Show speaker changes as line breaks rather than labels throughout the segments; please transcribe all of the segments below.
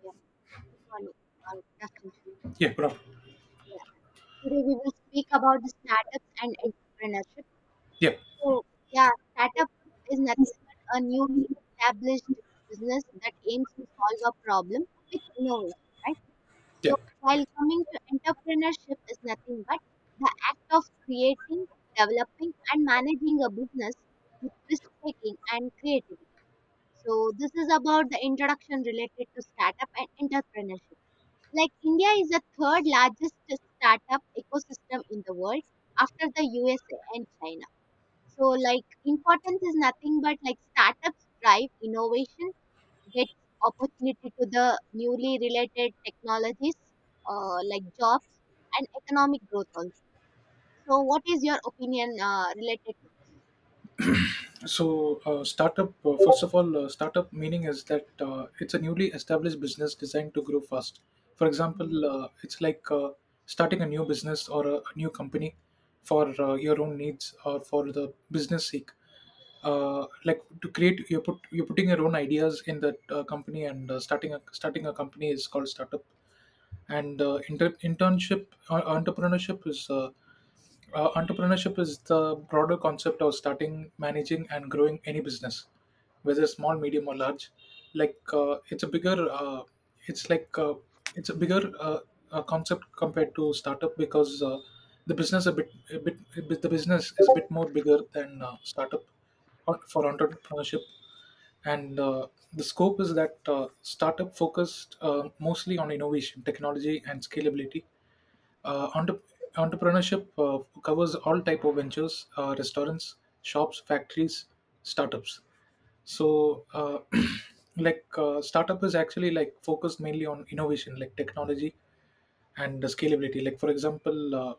Yeah, good morning or good afternoon.
Yeah, good afternoon.
Yeah, today we will speak about the startups and entrepreneurship.
Yeah,
So, yeah, startup is nothing but a newly established business that aims to solve a problem with innovation, right? So,
yeah.
while coming to entrepreneurship is nothing but the act of creating, developing, and managing a business with risk taking and creativity. So, this is about the introduction related to startup and entrepreneurship. Like India is the third largest startup ecosystem in the world after the USA and China. So like importance is nothing but like startups drive innovation, gets opportunity to the newly related technologies, like jobs and economic growth also. So what is your opinion related to this?
Startup, first of all, startup meaning is that it's a newly established business designed to grow fast. For
Mhm.
example, it's like starting a new business or a new company for your own needs or for the business sake. Like to create, you're putting your own ideas in that company, and starting a company is called startup. And entrepreneurship is. Entrepreneurship is the broader concept of starting, managing, and growing any business, whether small, medium, or large. Like it's a it's like uh, bigger concept compared to startup because the business the business is a bit more bigger than startup for entrepreneurship, and the scope is that startup focused mostly on innovation, technology, and scalability. uh, entre- Entrepreneurship covers all type of ventures, restaurants, shops, factories, startups. So, like startup is actually like focused mainly on innovation, like technology, and the scalability. Like for example, uh,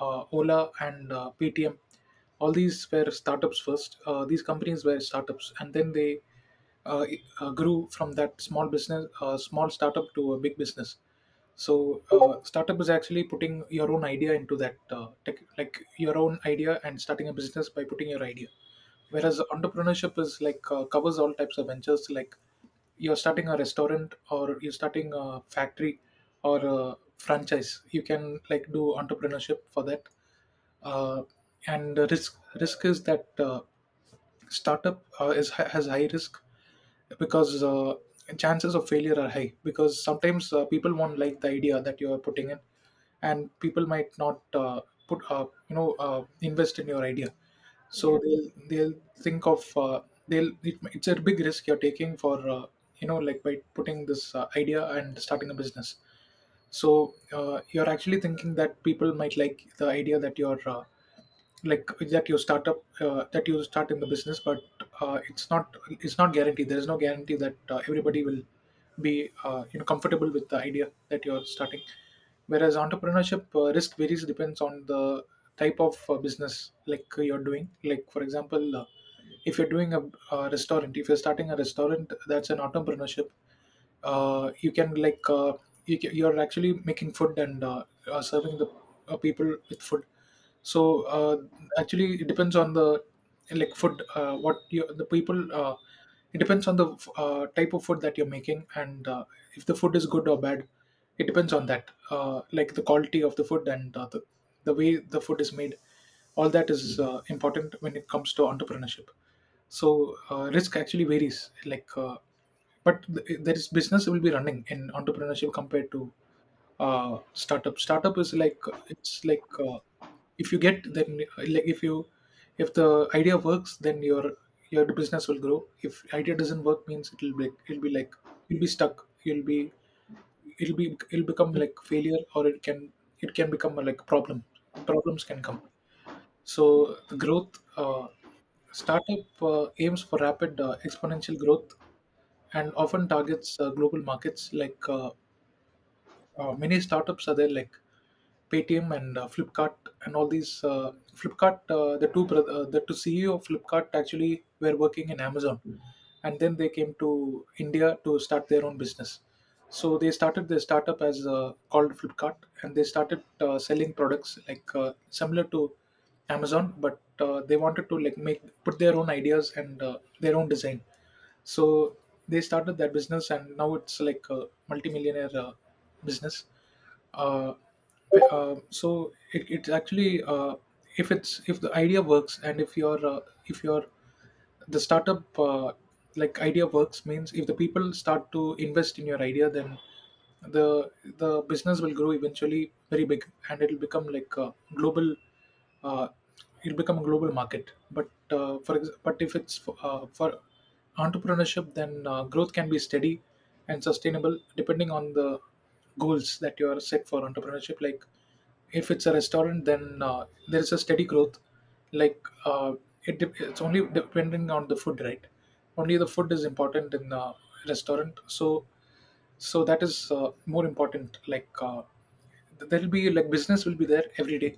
uh, Ola and PTM, all these were startups first. These companies were startups, and then they grew from that small business, small startup to a big business. So startup is actually putting your own idea into that tech, like your own idea and starting a business by putting your idea,
Yeah,
whereas entrepreneurship is like covers all types of ventures, like you're starting a restaurant, or you're starting a factory or a franchise. You can like do entrepreneurship for that. uh, and the risk is that startup is has high risk because chances of failure are high, because sometimes people won't like the idea that you are putting in, and people might not put you know invest in your idea, so
yeah.
they'll think of they'll it, it's a big risk you're taking for you know, like, by putting this idea and starting a business. So you're actually thinking that people might like the idea that you're like that you start up that you start in the business, but it's not guaranteed. There is no guarantee that everybody will be you know, comfortable with the idea that you're starting, whereas entrepreneurship risk varies depends on the type of business like you're doing. Like, for example, if you're doing a restaurant, if you're starting a restaurant, that's an entrepreneurship. You can like you're actually making food and serving the people with food. So actually, it depends on the like food. What you, the people. It depends on the type of food that you're making, and if the food is good or bad. It depends on that, like the quality of the food, and the way the food is made. All that is important when it comes to entrepreneurship. So, risk actually varies. There is business will be running in entrepreneurship compared to startup. Startup is like it's like if you get then if the idea works, then your business will grow. If idea doesn't work, means it'll be like you'll be stuck. You'll be it'll become like failure, or it can become like problem. Problems can come. So the growth, startup aims for rapid exponential growth and often targets global markets, like many startups are there like Paytm and Flipkart and all these. Flipkart, the two broth- the two CEO of Flipkart actually were working in Amazon, and then they came to India to start their own business. So they started their startup as called Flipkart, and they started selling products like similar to Amazon, but they wanted to like make put their own ideas and their own design. So they started that business, and now it's like a multimillionaire business. Uh, it's actually if the idea works, and if your the startup like idea works means if the people start to invest in your idea, then the the business will grow eventually very big, and it'll become like a global uh, it'll become a global market. But if it's for entrepreneurship, then growth can be steady and sustainable depending on the goals that you are set for entrepreneurship. Like, if it's a restaurant, then there is a steady growth, like it's only depending on the food, right? Only the food is important in the restaurant. So so that is more important. Like there will be like business will be there every day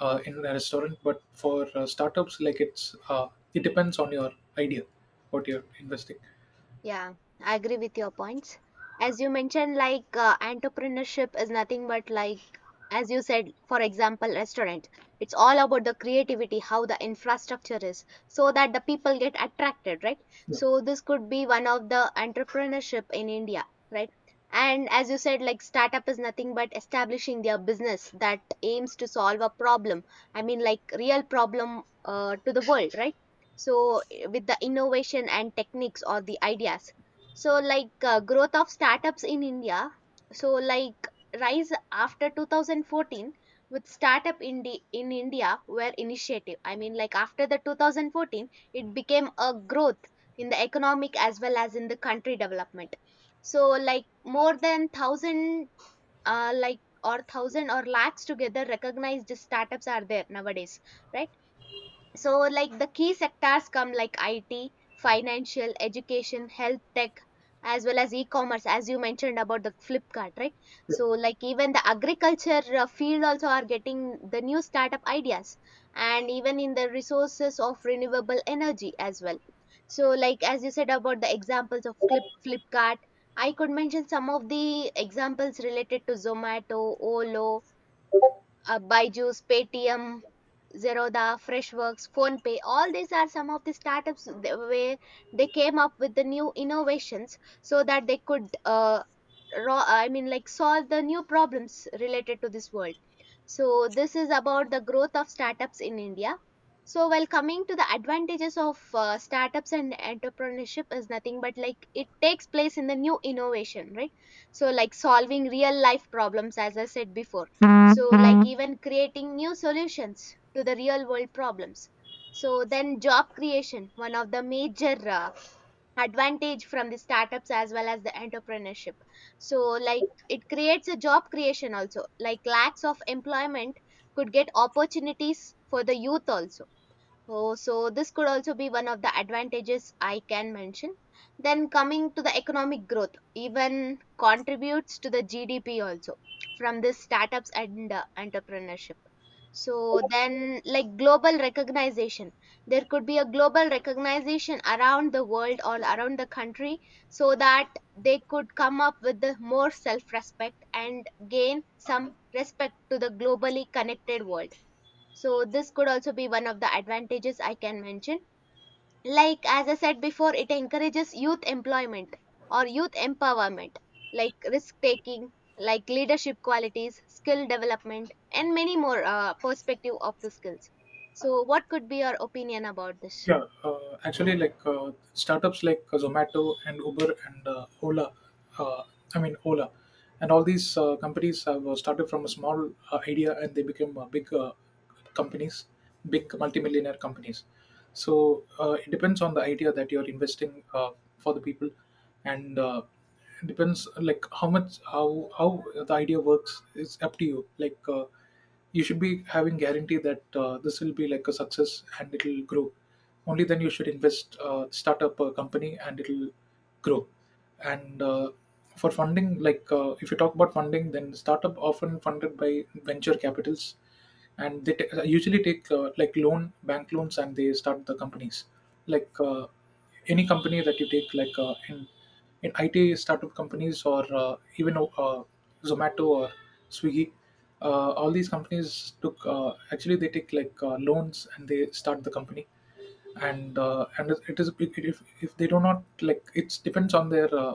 in a restaurant, but for startups, like it's it depends on your idea, what you're investing.
Yeah, I agree with your points. As you mentioned, like entrepreneurship is nothing but like, as you said, for example, restaurant. It's all about the creativity, how the infrastructure is, so that the people get attracted, right?
Yeah.
So this could be one of the entrepreneurship in India, right? And as you said, like startup is nothing but establishing their business that aims to solve a problem. I mean, like real problem to the world, right? So with the innovation and techniques or the ideas, so like growth of startups in India. So like rise after 2014, with startup in India were initiative. I mean, like after the 2014 it became a growth in the economic as well as in the country development. So like more than 1000, like, or 1000 or lakhs together recognized startups are there nowadays, right? So like the key sectors come like IT, financial, education, health tech, as well as e-commerce, as you mentioned about the Flipkart, right? So like even the agriculture field also are getting the new startup ideas, and even in the resources of renewable energy as well. So like as you said about the examples of Flipkart, I could mention some of the examples related to Zomato, Olo, Byju's, Paytm, Zerodha, Freshworks, PhonePe. All these are some of the startups where they came up with the new innovations so that they could, I mean, like solve the new problems related to this world. So this is about the growth of startups in India. So while coming to the advantages of startups and entrepreneurship is nothing but like it takes place in the new innovation, right? So like solving real life problems, as I said before, so like even creating new solutions to the real world problems. So then job creation, one of the major advantage from the startups as well as the entrepreneurship. So like it creates a job creation also, like lacks of employment could get opportunities for the youth also. Oh, so this could also be one of the advantages I can mention. Then coming to the economic growth, even contributes to the GDP also from this startups and entrepreneurship. So then like global recognition, there could be a global recognition around the world or around the country, so that they could come up with the more self-respect and gain some respect to the globally connected world. So this could also be one of the advantages I can mention. Like as I said before, it encourages youth employment or youth empowerment, like risk taking, like leadership qualities, skill development, and many more perspective of the skills. So what could be your opinion about this?
Yeah, actually, like startups like Zomato and Uber and Ola, uh, I mean Ola, and all these companies have started from a small idea, and they became big companies, big multimillionaire companies. So it depends on the idea that you're investing for the people, and it depends like how much how the idea works. It's up to you. You should be having guarantee that this will be like a success and it will grow. Only then you should invest start up a company, and it will grow. And for funding, like if you talk about funding, then startup often funded by venture capitals, and usually take like loan, bank loans, and they start the companies. Like any company that you take, like in IT startup companies, or even Zomato or Swiggy, all these companies took actually they take like loans, and they start the company. And if they do not, like it depends on their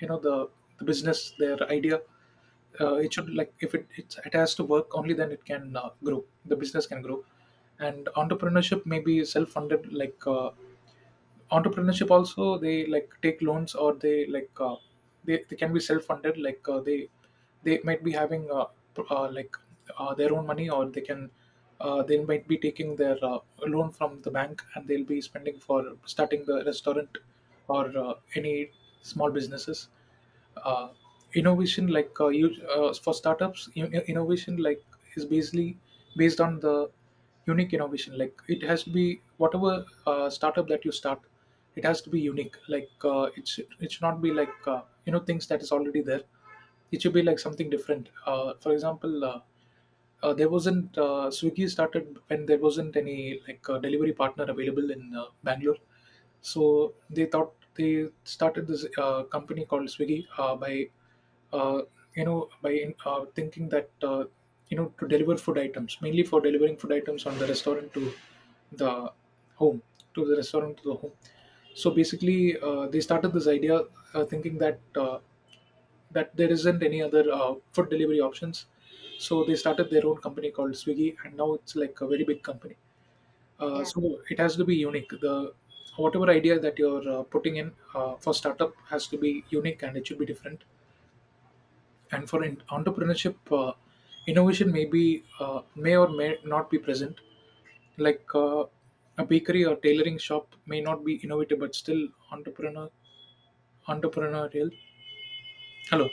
you know, the business, their idea.
Yeah.
It should like if it has to work, only then it can grow. The business can grow, and entrepreneurship may be self funded. Entrepreneurship also they like take loans, or they like they can be self-funded. Like they might be having like their own money, or they can they might be taking their loan from the bank, and they'll be spending for starting the restaurant or any small businesses. uh, Innovation, like for startups innovation like is basically based on the unique innovation. Like it has to be whatever startup that you start, it has to be unique. Like it should not be like you know, things that is already there. It should be like something different. For example, there wasn't swiggy started when there wasn't any like delivery partner available in bangalore. So they thought they started this company called Swiggy, by uh, you know, by thinking that you know, to deliver food items, mainly for delivering food items on the restaurant to the home, to the restaurant to the home. So basically, they started this idea thinking that that there isn't any other food delivery options. So they started their own company called Swiggy, and now it's like a very big company.
Yeah.
So it has to be unique. The whatever idea that you're putting in for startup has to be unique, and it should be different. And for entrepreneurship, innovation may be may or may not be present. Like a bakery or tailoring shop may not be innovative, but still entrepreneurial. Hello,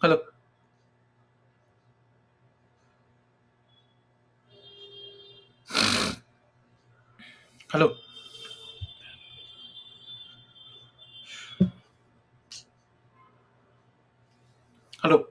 hello, hello, hello.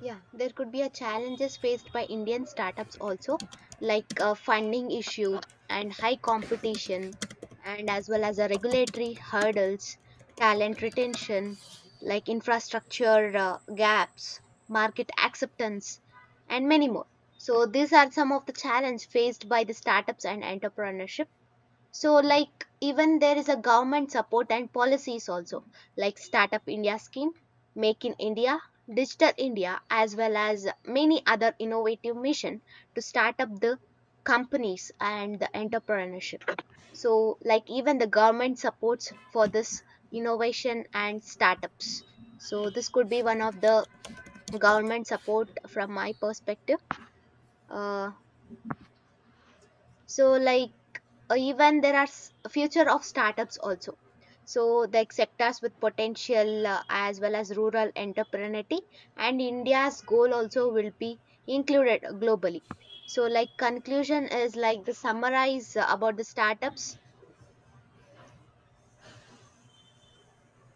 Yeah, there could be a challenges faced by Indian startups also, like funding issue and high competition, and as well as a regulatory hurdles, talent retention, like infrastructure gaps, market acceptance, and many more. So these are some of the challenges faced by the startups and entrepreneurship. So, like, even there is a government support and policies also, like Startup India scheme, Make in India, Digital India, as well as many other innovative mission to start up the companies and the entrepreneurship. So, like, even the government supports for this innovation and startups. So, this could be one of the government support from my perspective. Uh, so, like, even there are future of startups also. So the sectors with potential as well as rural entrepreneurship and India's goal also will be included globally. So like conclusion is like the summarize about the startups.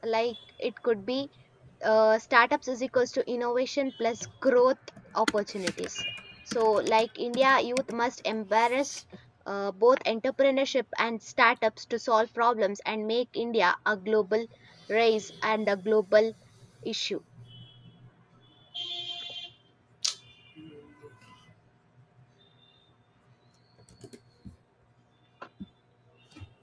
Like it could be startups is equals to innovation plus growth opportunities. So like India youth must embrace both entrepreneurship and startups to solve problems and make India a global race and a global issue.